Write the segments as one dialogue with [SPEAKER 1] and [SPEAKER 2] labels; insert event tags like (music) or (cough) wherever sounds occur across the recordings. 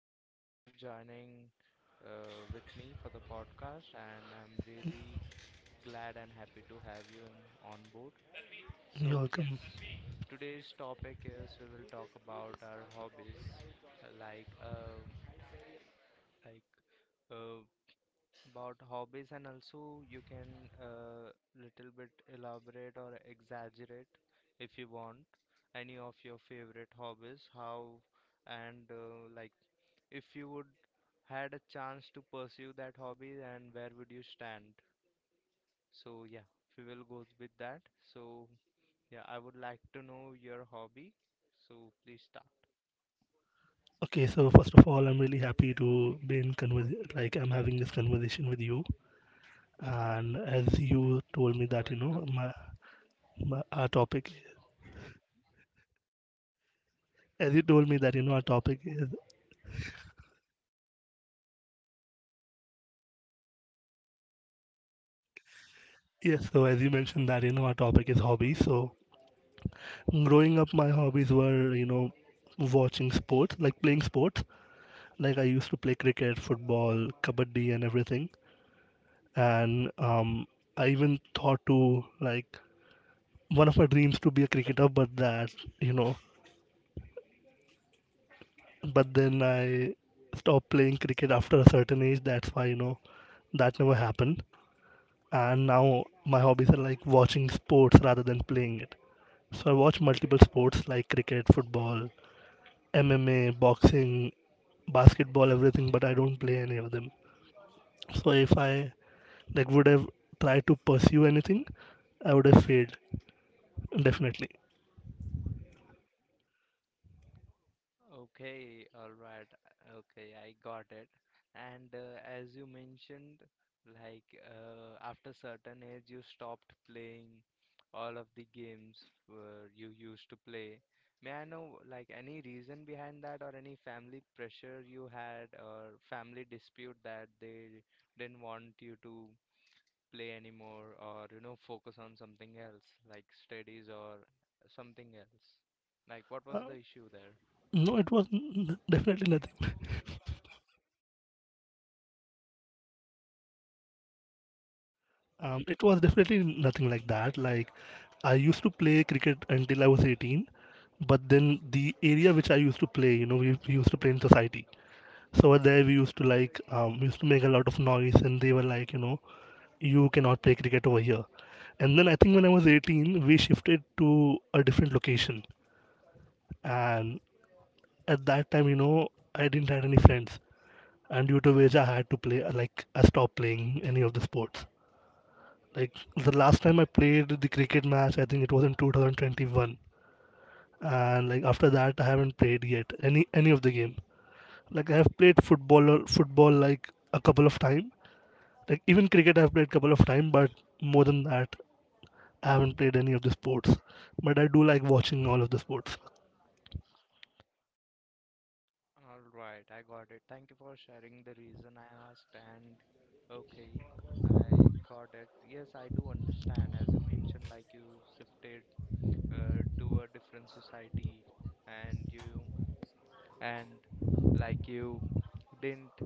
[SPEAKER 1] Thank you for joining with me for the podcast, and I'm really glad and happy to have you in, on board.
[SPEAKER 2] you're
[SPEAKER 1] So,
[SPEAKER 2] welcome.
[SPEAKER 1] yes, today's topic is we will talk about our hobbies, uh, like um like uh, about hobbies, and also you can little bit elaborate or exaggerate if you want any of your favorite hobbies how, and like if you would had a chance to pursue that hobby and where would you stand. So yeah, we will go with that. So yeah, I would like to know your hobby, so please start.
[SPEAKER 2] Okay, so first of all, I'm really happy to be in convers like I'm having this conversation with you. And as you told me
[SPEAKER 1] You're
[SPEAKER 2] that you know
[SPEAKER 1] welcome.
[SPEAKER 2] my, my our topic, as you told me that you know our topic is yes. So as you mentioned that you know our topic is hobbies. So growing up, my hobbies were watching sports, like playing sports. Like I used to play cricket, football, kabaddi, and everything. And I even thought to like one of my dreams to be a cricketer, but that you know, but then I stopped playing cricket after a certain age. That's why you know that never happened. And now my hobbies are like watching sports rather than playing it. So I watch multiple sports like cricket, football, MMA, boxing, basketball, everything, but I don't play any of them. So if I would have tried to pursue anything, I would have failed definitely.
[SPEAKER 1] Okay, all right. Okay, I got it. And as you mentioned, like after certain age, you stopped playing all of the games you used to play. May I know, like, any reason behind that, or any family pressure you had, or family dispute that they didn't want you to play anymore, or focus on something else, like studies or something else? Like, what was
[SPEAKER 2] Uh,
[SPEAKER 1] the issue there?
[SPEAKER 2] no, it was definitely nothing. (laughs) It was definitely nothing like that. Like I used to play cricket until I was 18, but then the area which I used to play, you know, we used to play in society. So over there we used to we used to make a lot of noise, and they were like, you know, you cannot play cricket over here. And then I think when I was 18, we shifted to a different location, and at that time, you know, I didn't had any friends, and due to which I had to play. Like I stopped playing any of the sports. like the last time I played the cricket match, I think it was in 2021, and like after that, I haven't played yet any of the game. Like I have played football like a couple of time, like even cricket I've played couple of time, but more than that, I haven't played any of the sports. But I do like watching all of the sports.
[SPEAKER 1] All right, I got it. Thank you for sharing the reason I asked, and okay, I got it. Yes, I do understand. As you mentioned, like you shifted to a different society, and you and like you didn't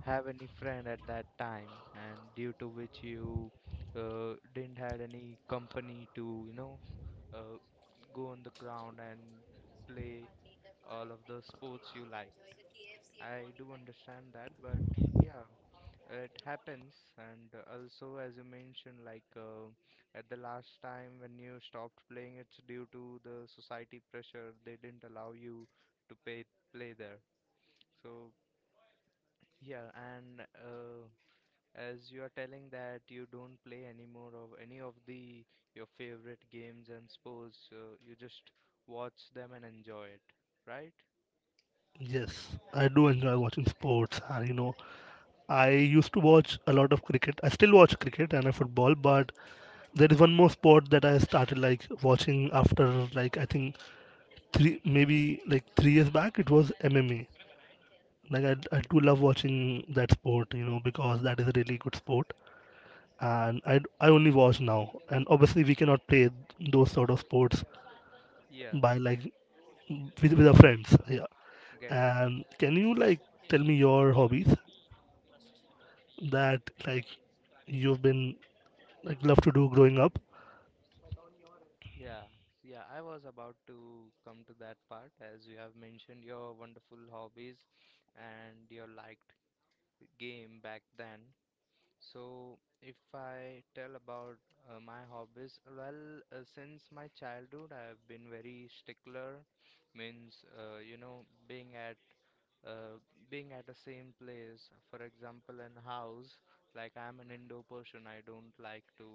[SPEAKER 1] have any friend at that time, and due to which you didn't had any company to, uh, go on the ground and play all of the sports you like. I do understand that, but yeah, it happens. And also, as you mentioned, like at the last time when you stopped playing, it's due to the society pressure. They didn't allow you to play there. So yeah, and as you are telling that you don't play anymore of any of the your favorite games and sports, you just watch them and enjoy it, right?
[SPEAKER 2] Yes, I do enjoy watching sports, and you know, I used to watch a lot of cricket. I still watch cricket and football, but there is one more sport that I started like watching after like I think three maybe like 3 years back. It was MMA. Like I do love watching that sport, you know, because that is a really good sport. And I only watch now. And obviously we cannot play those sort of sports
[SPEAKER 1] Yeah,
[SPEAKER 2] by with our
[SPEAKER 1] yeah,
[SPEAKER 2] friends. Yeah.
[SPEAKER 1] get it.
[SPEAKER 2] And can you tell me your hobbies that like you've been love to do growing up?
[SPEAKER 1] Yeah, yeah, I was about to come to that part as you have mentioned your wonderful hobbies and your liked game back then. So, if I tell about my hobbies, well, since my childhood, I have been very stickler, means uh, being at the same place. For example, in house, like I'm an indoor person, I don't like to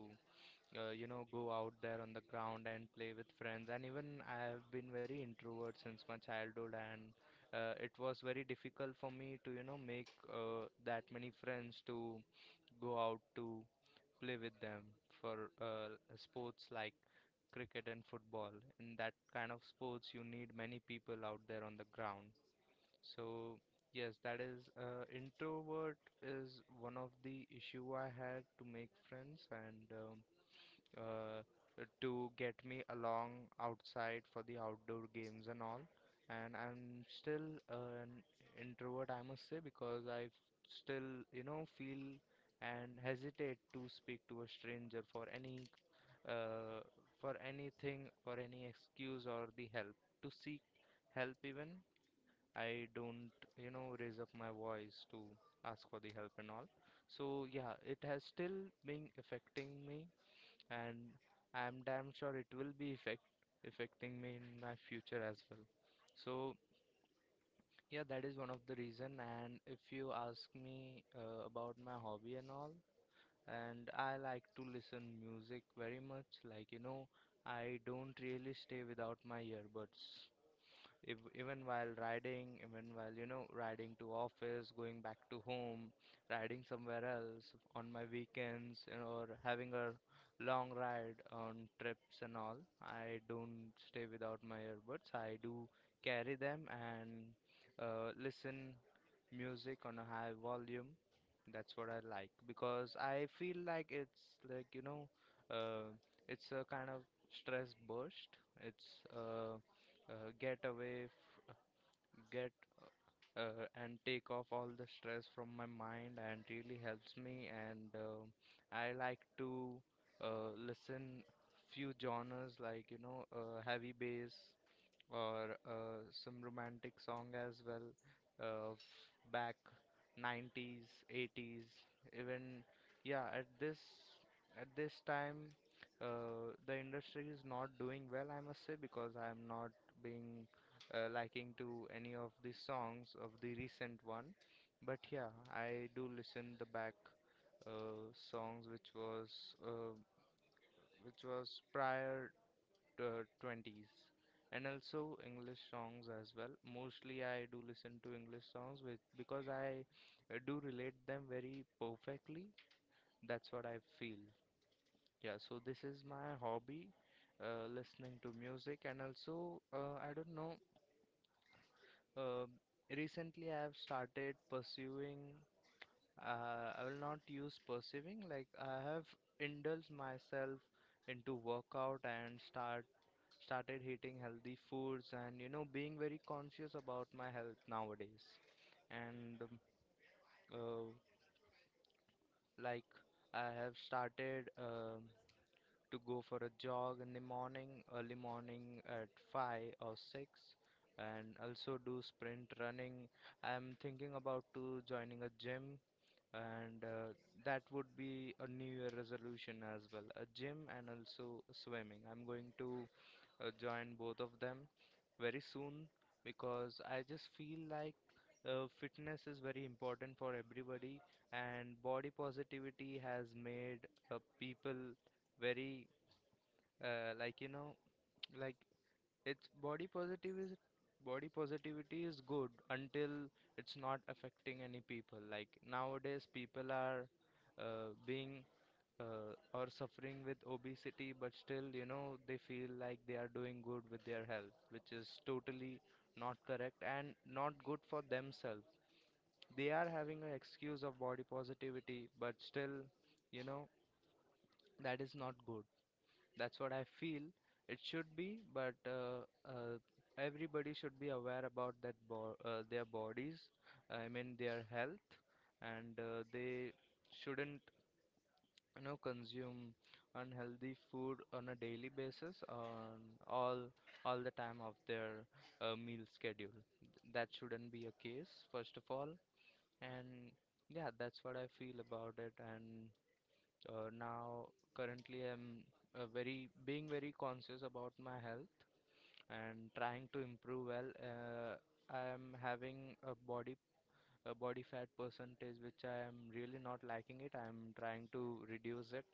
[SPEAKER 1] go out there on the ground and play with friends. And even I have been very introvert since my childhood, and it was very difficult for me to, make that many friends to go out to play with them for sports like cricket and football. In that kind of sports, you need many people out there on the ground. So, yes, that is introvert is one of the issue I had to make friends and. Uh, to get me along outside for the outdoor games and all. And I'm still an introvert, I must say, because I still, feel and hesitate to speak to a stranger uh, for anything, for any excuse or the help. To seek help, even I don't, raise up my voice to ask for the help and all. So yeah, it has still been affecting me and I'm damn sure it will be effect affecting me in my future as well. So yeah, that is one of the reason. And if you ask me about my hobby and all, and I like to listen music very much. Like I don't really stay without my earbuds if, even while riding, even while, riding to office, going back to home, riding somewhere else on my weekends, or having a long ride on trips and all, I don't stay without my earbuds. I do carry them and listen music on a high volume. That's what I like because I feel like it's like, uh, it's a kind of stress burst. It's get away get and take off all the stress from my mind and really helps me, and I like to listen few genres like heavy bass or some romantic song as well, back 90s, 80s. Even yeah, at this time, the industry is not doing well, I must say, because I am not being liking to any of the songs of the recent one. But yeah, I do listen the back songs which uh, was prior 20s, and also English songs as well. Mostly I do listen to English songs with because I do relate them very perfectly. That's what I feel. Yeah, so this is my hobby, listening to music, and also I don't know, uh, recently I have started pursuing, I will not use pursuing, like I have indulged myself into workout, and started eating healthy foods, and being very conscious about my health nowadays. And uh, like I have started to go for a jog in the morning, early morning at 5 or 6, and also do sprint running. I'm thinking about to joining a gym, and that would be a new year resolution as well, a gym and also swimming. I'm going to join both of them very soon, because I just feel like fitness is very important for everybody, and body positivity has made people very, like, like, it's body positivity. Body positivity is good until it's not affecting any people. Like, nowadays people are being or suffering with obesity, but still they feel like they are doing good with their health, which is totally not correct and not good for themselves. They are having an excuse of body positivity, but still, you know that is not good. That's what I feel. It should be, but everybody should be aware about that bo their bodies, I mean their health, and they shouldn't, consume unhealthy food on a daily basis, on all the time of their meal schedule. That shouldn't be a case, first of all, and yeah, that's what I feel about it, and. Now, currently, I'm very being very conscious about my health and trying to improve well. I am having a body fat percentage which I am really not liking it. I'm trying to reduce it,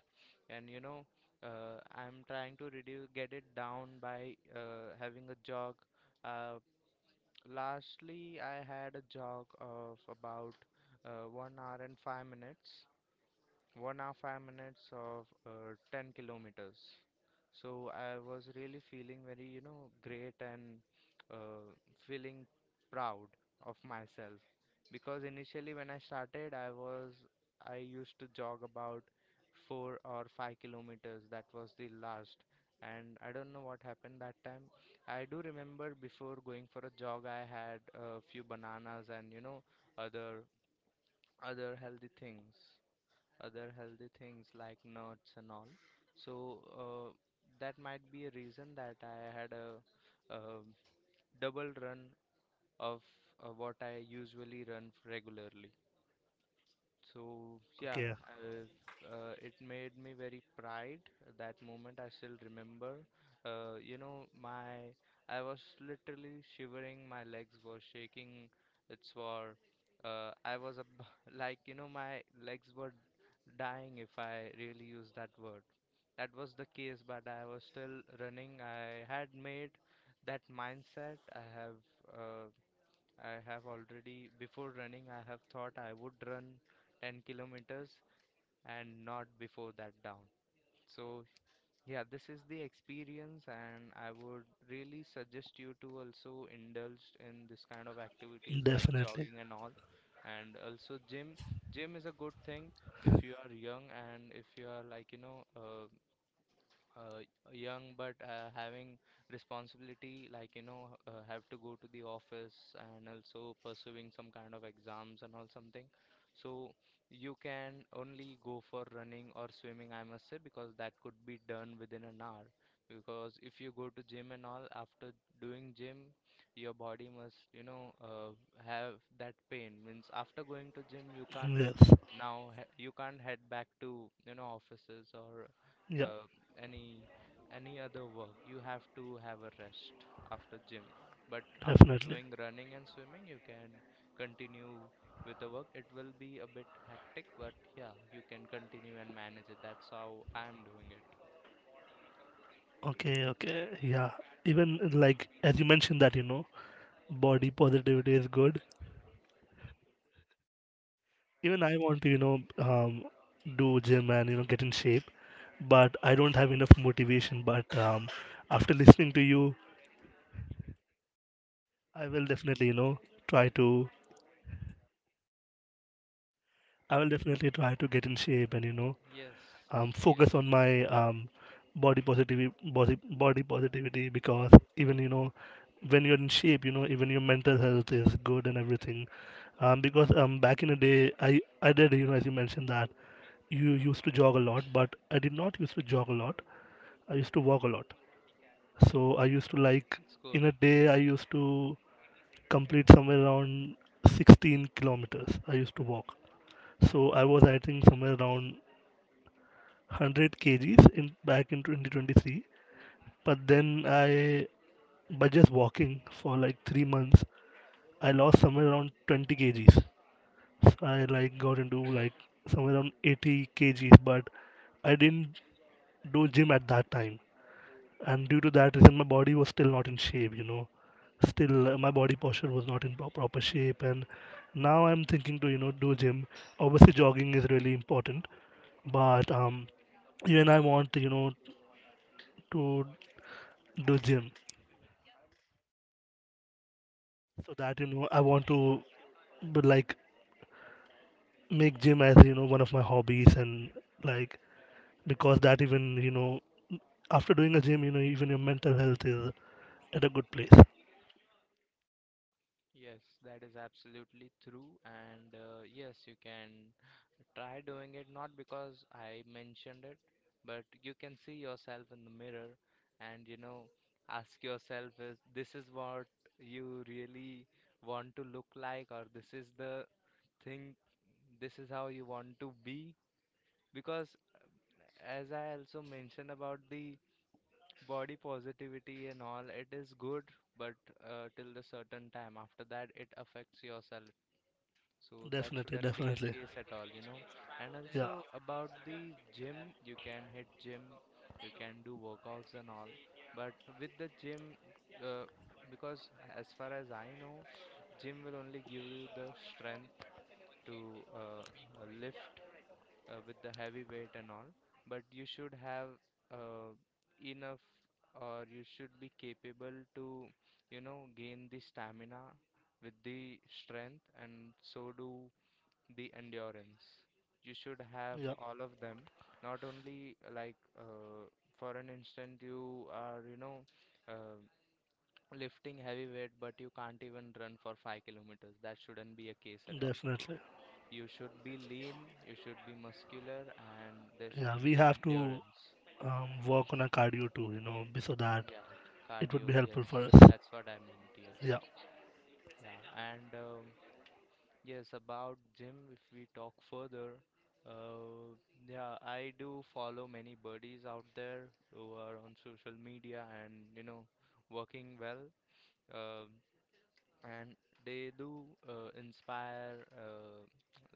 [SPEAKER 1] and I'm trying to reduce get it down by having a jog. Uh, Lastly, I had a jog of about 1 hour and 5 minutes, 1 hour 5 minutes of 10 kilometers. So I was really feeling very great, and uh, feeling proud of myself. Because initially when I started, I used to jog about 4 or 5 kilometers, that was the last. And I don't know what happened that time. I do remember before going for a jog, I had a few bananas, and other other healthy things other healthy things like nuts and all. So that might be a reason that I had a, um double run of what I usually run regularly. So yeah,
[SPEAKER 2] Okay,
[SPEAKER 1] it made me very pride. That moment I still remember. You know, my I was literally shivering. My legs were shaking. It's for, I was ab (laughs) like my legs were dying if I really use that word. That was the case, but I was still running. I had made that mindset. I have. Uh, I have already, before running, I have thought I would run 10 kilometers and not before that down. So, yeah, this is the experience, and I would really suggest you to also indulge in this kind of activities like
[SPEAKER 2] definitely.
[SPEAKER 1] jogging and all. And also, gym. Gym is a good thing if you are young and if you are like, you know, uh, young but having responsibility, like you know, have to go to the office and also pursuing some kind of exams and all something. So you can only go for running or swimming, I must say, because that could be done within an hour. Because if you go to gym and all, after doing gym your body must, you know, have that pain. Means after going to gym, you can't
[SPEAKER 2] Yes.
[SPEAKER 1] now you can't head back to, you know, offices or
[SPEAKER 2] Yeah,
[SPEAKER 1] uh, any any other work. You have to have a rest after gym. But after
[SPEAKER 2] definitely.
[SPEAKER 1] doing running and swimming, you can continue with the work. It will be a bit hectic, but yeah, you can continue and manage it. That's how I am doing it.
[SPEAKER 2] Okay, okay. Yeah. Even like as you mentioned that, you know, body positivity is good. Even I want to, do gym and you know get in shape, but I don't have enough motivation. But After listening to you, I will definitely, you know, try to. I will definitely try to get in shape and you know,
[SPEAKER 1] Yes. Yes.
[SPEAKER 2] focus on my body positivity, body positivity because even you know, when you're in shape, you know, even your mental health is good and everything, because back in the day, I did, you know, as you mentioned that you used to jog a lot, but I did not used to jog a lot. I used to walk a lot. So I used to like
[SPEAKER 1] It's good.
[SPEAKER 2] in a day I used to complete somewhere around 16 kilometers. I used to walk. So I was I think somewhere around 100 kgs in back in 2023. But then I by just walking for like 3 months I lost somewhere around 20 kgs. So I like got into like somewhere around 80 kgs, but I didn't do gym at that time. And due to that reason my body was still not in shape, you know still my body posture was not in proper shape. And now I'm thinking to you know do gym. Obviously jogging is really important, but even I want, you know, to do gym, so that you know I want to but like make gym as you know one of my hobbies. And like because that Even you know, after doing a gym you know even your mental health is at a good place.
[SPEAKER 1] Yes, that is absolutely true, and yes, you can try doing it, not because I mentioned it, but you can see yourself in the mirror and, you know, ask yourself, is this is what you really want to look like, or this is the thing, this is how you want to be. Because as I also mentioned about the body positivity and all, it is good, but till the certain time. After that, it affects yourself. So that
[SPEAKER 2] Definitely,
[SPEAKER 1] shouldn't be a
[SPEAKER 2] definitely.
[SPEAKER 1] case at all, you know. And
[SPEAKER 2] Yeah,
[SPEAKER 1] also about the gym, you can hit gym, you can do workouts and all. But with the gym, uh, because as far as I know, gym will only give you the strength to lift with the heavy weight and all. But you should have uh, enough, or you should be capable to, you know, gain the stamina with the strength, and so do the endurance. You should have
[SPEAKER 2] yeah,
[SPEAKER 1] all of them, not only like for an instant you are, you know, uh, lifting heavy weight, but you can't even run for 5 kilometers. That shouldn't be a case at all.
[SPEAKER 2] definitely.
[SPEAKER 1] You should be lean, you should be muscular, and there
[SPEAKER 2] Yeah,
[SPEAKER 1] should
[SPEAKER 2] we
[SPEAKER 1] be
[SPEAKER 2] have to
[SPEAKER 1] endurance. Yes.
[SPEAKER 2] work on our cardio too, you know, so that
[SPEAKER 1] Yeah,
[SPEAKER 2] it would be
[SPEAKER 1] cardio, yes,
[SPEAKER 2] helpful for us.
[SPEAKER 1] that's what I meant, yes.
[SPEAKER 2] Yeah.
[SPEAKER 1] Yeah, and yes, about gym, if we talk further, uh, yeah, I do follow many buddies out there who are on social media and, you know, working well, um, and they do inspire,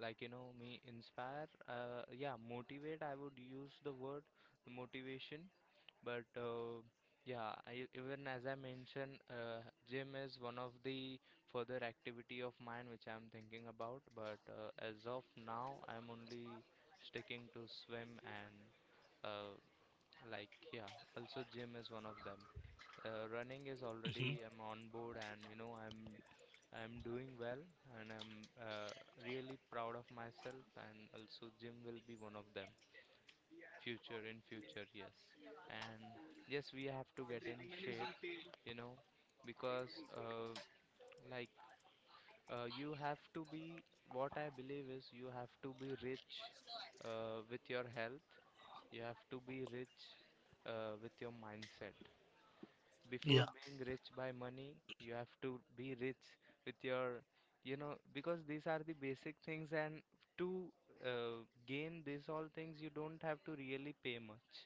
[SPEAKER 1] like you know me, inspire. Yeah, motivate. I would use the word motivation, but yeah, I, even as I mentioned, gym is one of the further activity of mine which I'm thinking about. But as of now, I'm only sticking to swim and uh, like yeah. Also, gym is one of them. Running is
[SPEAKER 2] Hmm.
[SPEAKER 1] already I'm on board, and you know I'm doing well, and I'm really proud of myself. And also, gym will be one of them future in future, yes. And yes, we have to get in shape, you know, because like you have to be, what I believe is you have to be rich with your health. You have to be rich with your mindset
[SPEAKER 2] Yeah,
[SPEAKER 1] before being rich by money. You have to be rich with your, you know, because these are the basic things. And to uh, gain these all things, you don't have to really pay much.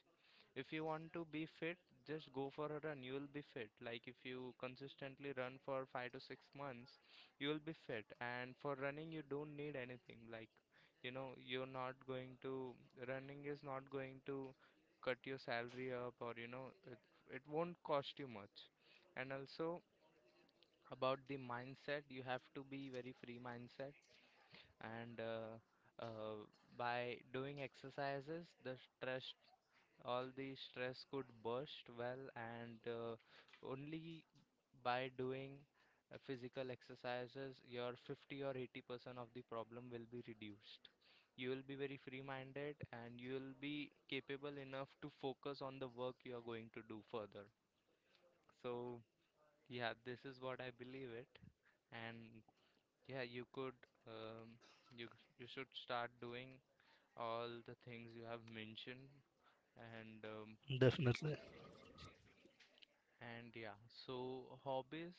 [SPEAKER 1] If you want to be fit, just go for a run. You will be fit. Like if you consistently run for 5 to 6 months, you will be fit. And for running, you don't need anything. Like, you know, you're not going to, running is not going to cut your salary up or, you know, it won't cost you much. And also, about the mindset, you have to be very free mindset. And by doing exercises, the stress, all the stress could burst well, and only by doing physical exercises, your 50 or 80% of the problem will be reduced. You will be very free minded, and you will be capable enough to focus on the work you are going to do further. So yeah, this is what I believe it. And yeah, you could um, you you should start doing all the things you have mentioned, and
[SPEAKER 2] definitely.
[SPEAKER 1] and yeah. So hobbies,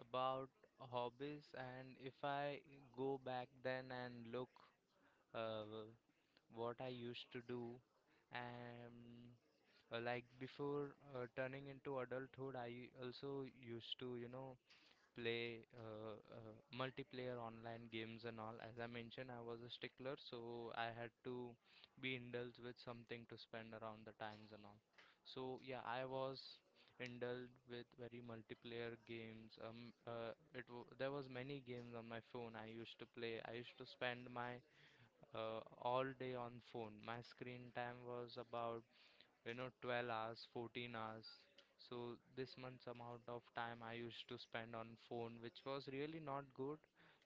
[SPEAKER 1] about hobbies, and if I go back then and look uh, what I used to do, and like before turning into adulthood, I also used to, you know, play multiplayer online games and all. As I mentioned, I was a stickler, so I had to be indulged with something to spend around the times and all. So yeah, I was indulged with very multiplayer games. It w There was many games on my phone I used to play. I used to spend my all day on phone. My screen time was about, you know, 12 hours, 14 hours. So this much amount of time I used to spend on phone, which was really not good.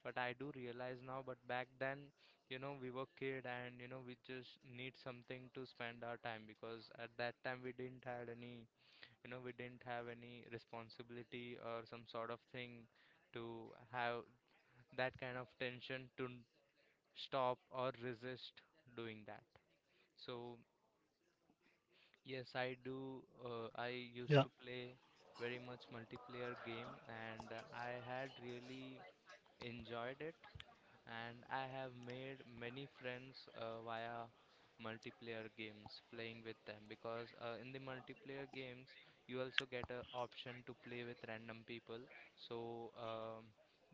[SPEAKER 1] But I do realize now, but back then, you know, we were kid, and you know, we just need something to spend our time, because at that time we didn't had any, you know, we didn't have any responsibility or some sort of thing to have that kind of tension to stop or resist doing that. So yes, I do. I used
[SPEAKER 2] Yeah.
[SPEAKER 1] to play very much multiplayer game, and I had really enjoyed it. And I have made many friends via multiplayer games, playing with them, because in the multiplayer games you also get a option to play with random people. So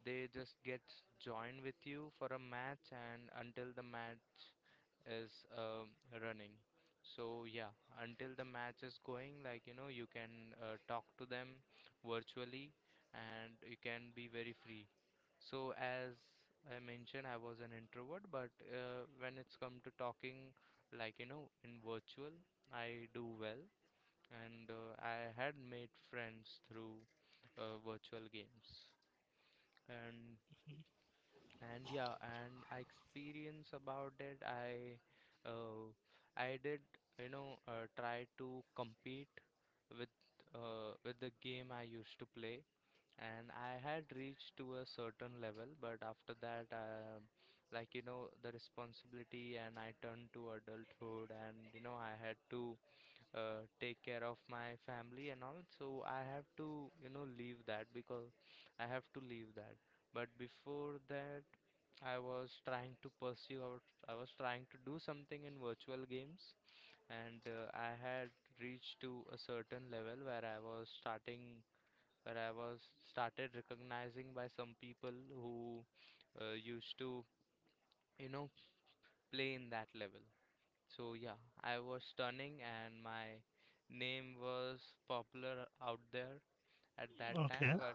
[SPEAKER 1] they just get joined with you for a match, and until the match is um, running. So yeah, until the match is going, like you know, you can talk to them virtually, and you can be very free. So as I mentioned, I was an introvert, but when it's come to talking, like you know, in virtual, I do well, and I had made friends through virtual games, and and yeah, and I experience about it. Uh, I did, you know, try to compete with with the game I used to play, and I had reached to a certain level, but after that, like you know, the responsibility, and I turned to adulthood, and you know, I had to take care of my family and all. So I have to, you know, leave that, because I have to leave that. But before that, I was trying to pursue out. I was trying to do something in virtual games, and I had reached to a certain level where I was started recognizing by some people who used to, you know, play in that level. So yeah, I was stunning, and my name was popular out there at that time.
[SPEAKER 2] Okay.
[SPEAKER 1] But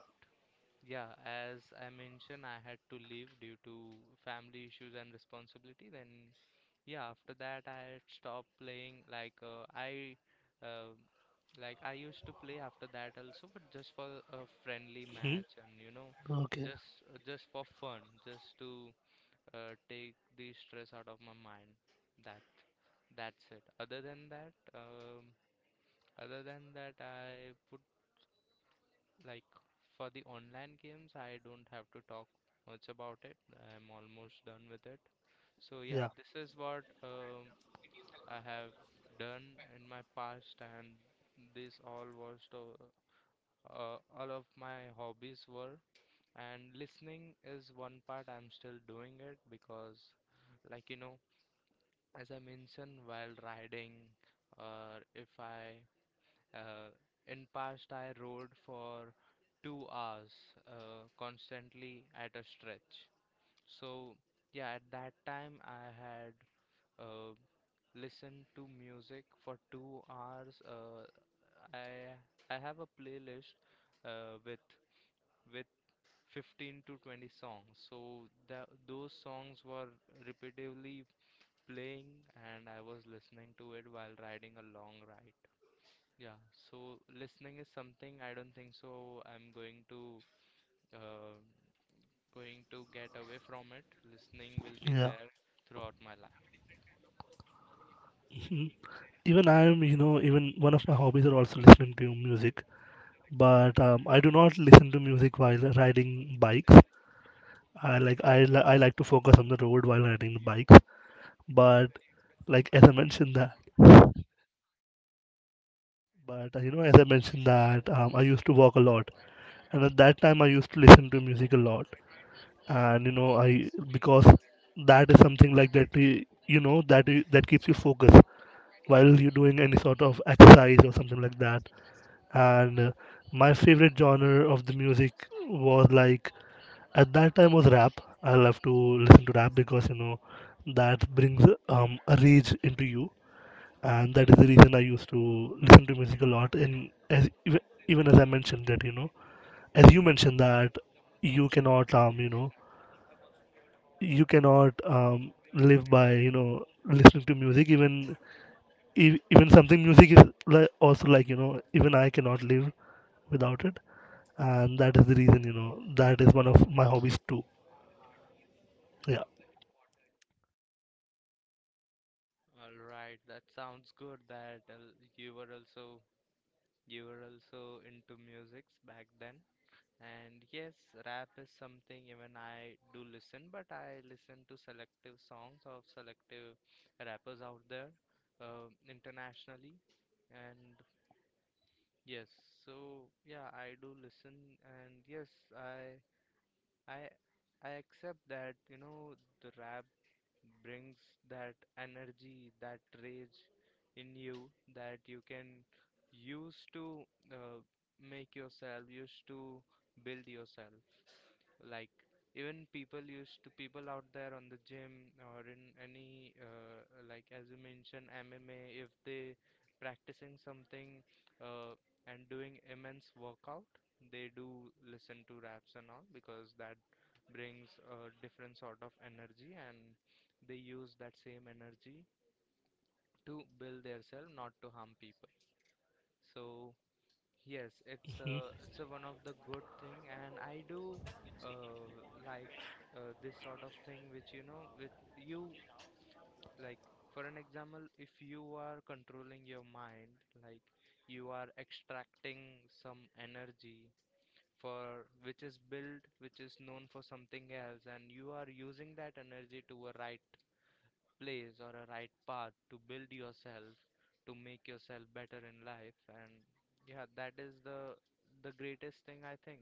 [SPEAKER 1] yeah, as I mentioned, I had to leave due to family issues and responsibility. Then yeah, after that I had stopped playing. Uh, like I used to play after that also, but just for a friendly
[SPEAKER 2] Hmm.
[SPEAKER 1] match, and you know,
[SPEAKER 2] Okay.
[SPEAKER 1] just for fun, just to take the stress out of my mind. That that's it. Other than that, I would like, for the online games, I don't have to talk much about it. I'm almost done with it. So yeah,
[SPEAKER 2] Yeah.
[SPEAKER 1] this is what I have done in my past, and this all was to, all of my hobbies were. And listening is one part I'm still doing it, because, like you know, as I mentioned, while riding, or if I uh, in past I rode for 2 hours constantly at a stretch. So yeah, at that time I had. Uh, Listen to music for 2 hours. I I have a playlist uh, with with 15 to 20 songs. So that those songs were repetitively playing, and I was listening to it while riding a long ride. Yeah. So listening is something I don't think so. I'm going to uh, going to get away from it. Listening will be
[SPEAKER 2] Yeah.
[SPEAKER 1] there throughout my life.
[SPEAKER 2] Hmm. Even I'm, you know, even one of my hobbies are also listening to music, but I do not listen to music while riding bikes. I like to focus on the road while riding the bikes. But like as I mentioned that, but you know, as I mentioned that I used to walk a lot and at that time I used to listen to music a lot. And you know I, because that is something like that eh, you know that I- that keeps you focused while you're doing any sort of exercise or something like that. And My favorite genre of the music was like at that time was rap. I love to listen to rap because you know that brings a rage into you. And that is the reason I used to listen to music a lot. And as, even even As I mentioned that, as you mentioned that you cannot you cannot live by listening to music. Even e- even Something music is like also like you know even I cannot live without it. And that is the reason, you know, that is one of my hobbies too. Yeah,
[SPEAKER 1] All right, that sounds good that you were also you were also into musics back then. And yes, rap is something even I do listen, but I listen to selective songs of selective rappers out there internationally. And yes, so yeah, I do listen, and yes, I I I accept that, you know, the rap brings that energy, that rage in you, that you can use to uh, make yourself, use to build yourself. Like even people used to people out there on the gym or in any like as you mentioned, MMA, if they practicing something uh, and doing immense workout, they do listen to raps and all, because that brings a different sort of energy, and they use that same energy to build their self, not to harm people. So yes, it's a one of the good thing, and I do like this sort of thing, which you know, with you, like for an example, if you are controlling your mind, like you are extracting some energy for which is built, which is known for something else, and you are using that energy to a right place or a right path to build yourself, to make yourself better in life. And yeah, that is the greatest thing I think.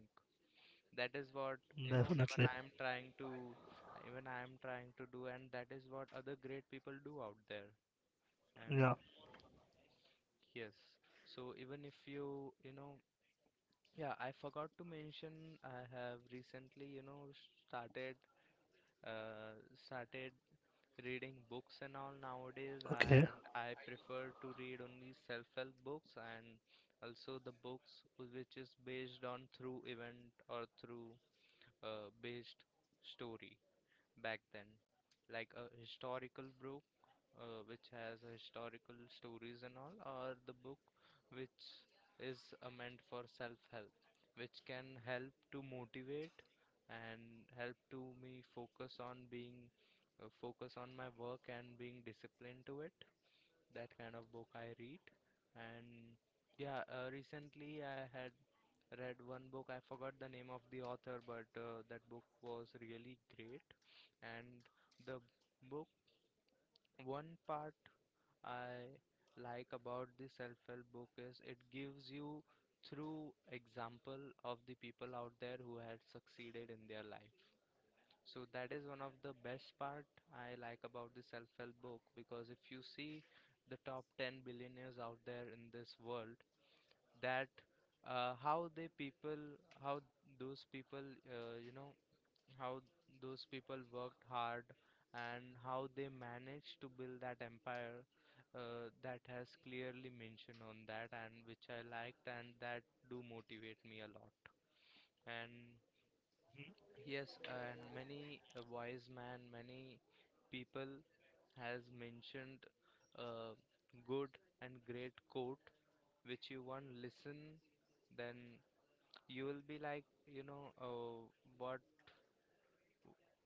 [SPEAKER 1] That is what, you know,
[SPEAKER 2] definitely.
[SPEAKER 1] even I am trying to do, and that is what other great people do out there. And
[SPEAKER 2] Yeah.
[SPEAKER 1] yes. So even if yeah, I forgot to mention I have recently, started started reading books and all nowadays,
[SPEAKER 2] Okay,
[SPEAKER 1] and I prefer to read only self-help books and also the books which is based on through event or through based story back then, like a historical book which has a historical stories and all, or the book which is meant for self-help, which can help to motivate and help to me focus on being focus on my work and being disciplined to it. That kind of book I read, and yeah, recently I had read one book. I forgot the name of the author, but that book was really great and the book, one part I like about the self-help book is it gives you through example of the people out there who had succeeded in their life. So that is one of the best part I like about the self-help book because if you see the top 10 billionaires out there in this world, that how they people, how those people, you know, how those people worked hard and how they managed to build that empire that has clearly mentioned on that and which I liked and that do motivate me a lot. And yes, and many a wise man, many people has mentioned a good and great quote which you want listen then you will be like you know uh, what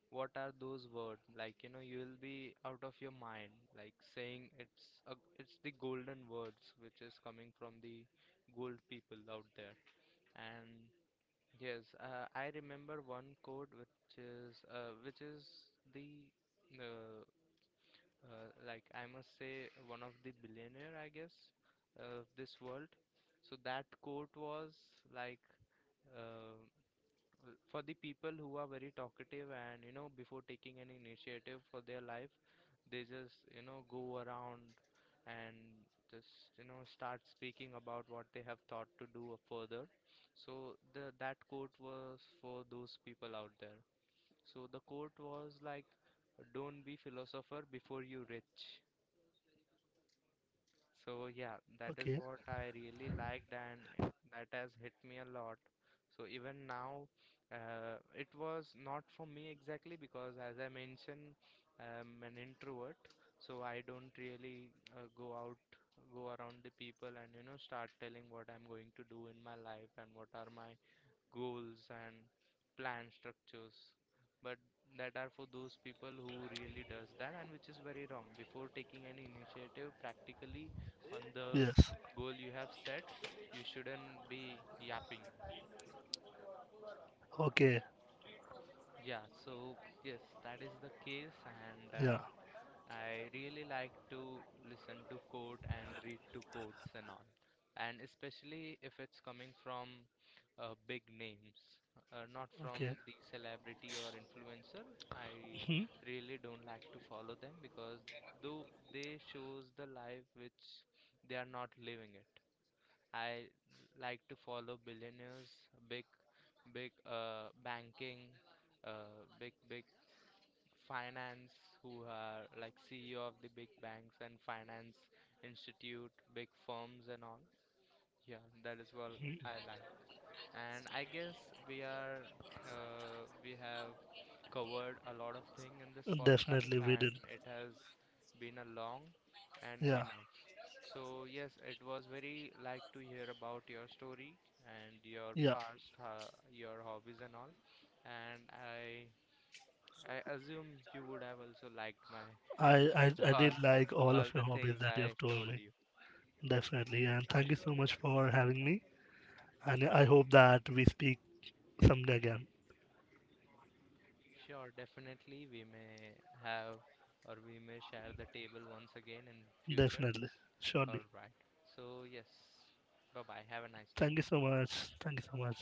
[SPEAKER 1] what are those words like you know you will be out of your mind like saying it's the golden words which is coming from the gold people out there and yes I remember one quote which is the uh, like I must say one of the billionaire I guess of this world. So that quote was like uh, for the people who are very talkative and you know before taking any initiative for their life they just you know go around and just you know start speaking about what they have thought to do further. So the that quote was for those people out there. So the quote was like, don't be philosopher before you rich. So that is
[SPEAKER 2] okay.
[SPEAKER 1] what I really liked and that has hit me a lot. So even now, it was not for me exactly because as I mentioned, I'm an introvert, so I don't really uh, go out, go around the people and you know start telling what I'm going to do in my life and what are my goals and plan structures, but that are for those people who really does that and which is very wrong before taking any initiative practically on the
[SPEAKER 2] Yes,
[SPEAKER 1] goal you have set. You shouldn't be yapping.
[SPEAKER 2] okay.
[SPEAKER 1] Yeah, so yes, that is the case. And
[SPEAKER 2] Yeah.
[SPEAKER 1] I really like to listen to quote and read to quotes and all, and especially if it's coming from big names, not from
[SPEAKER 2] Okay.
[SPEAKER 1] the celebrity or influencer. I
[SPEAKER 2] Mhm.
[SPEAKER 1] really don't like to follow them because though they shows the life which they are not living it. I like to follow billionaires, big big banking, big finance who are like CEO of the big banks and finance institute, big firms and all. Yeah, that is what I like. And I guess we are we have covered a lot of thing in this
[SPEAKER 2] Definitely
[SPEAKER 1] podcast
[SPEAKER 2] we did.
[SPEAKER 1] and it has been a long and
[SPEAKER 2] Yeah,
[SPEAKER 1] enough. So yes, it was very like to hear about your story and your
[SPEAKER 2] yeah.
[SPEAKER 1] past, your hobbies and all. And I assume you would have also liked my
[SPEAKER 2] I, I
[SPEAKER 1] (laughs)
[SPEAKER 2] did
[SPEAKER 1] all
[SPEAKER 2] like all of
[SPEAKER 1] all
[SPEAKER 2] your
[SPEAKER 1] the
[SPEAKER 2] hobbies
[SPEAKER 1] things
[SPEAKER 2] that you have
[SPEAKER 1] I
[SPEAKER 2] told
[SPEAKER 1] told
[SPEAKER 2] me.
[SPEAKER 1] you.
[SPEAKER 2] Definitely. And thank you so much for having me. And I hope that we speak someday again.
[SPEAKER 1] Sure, definitely we may have or we may share the table once again in future.
[SPEAKER 2] Definitely. Surely.
[SPEAKER 1] All right. So yes. Bye bye. Have a nice
[SPEAKER 2] Thank
[SPEAKER 1] day.
[SPEAKER 2] you so much. Thank you so much.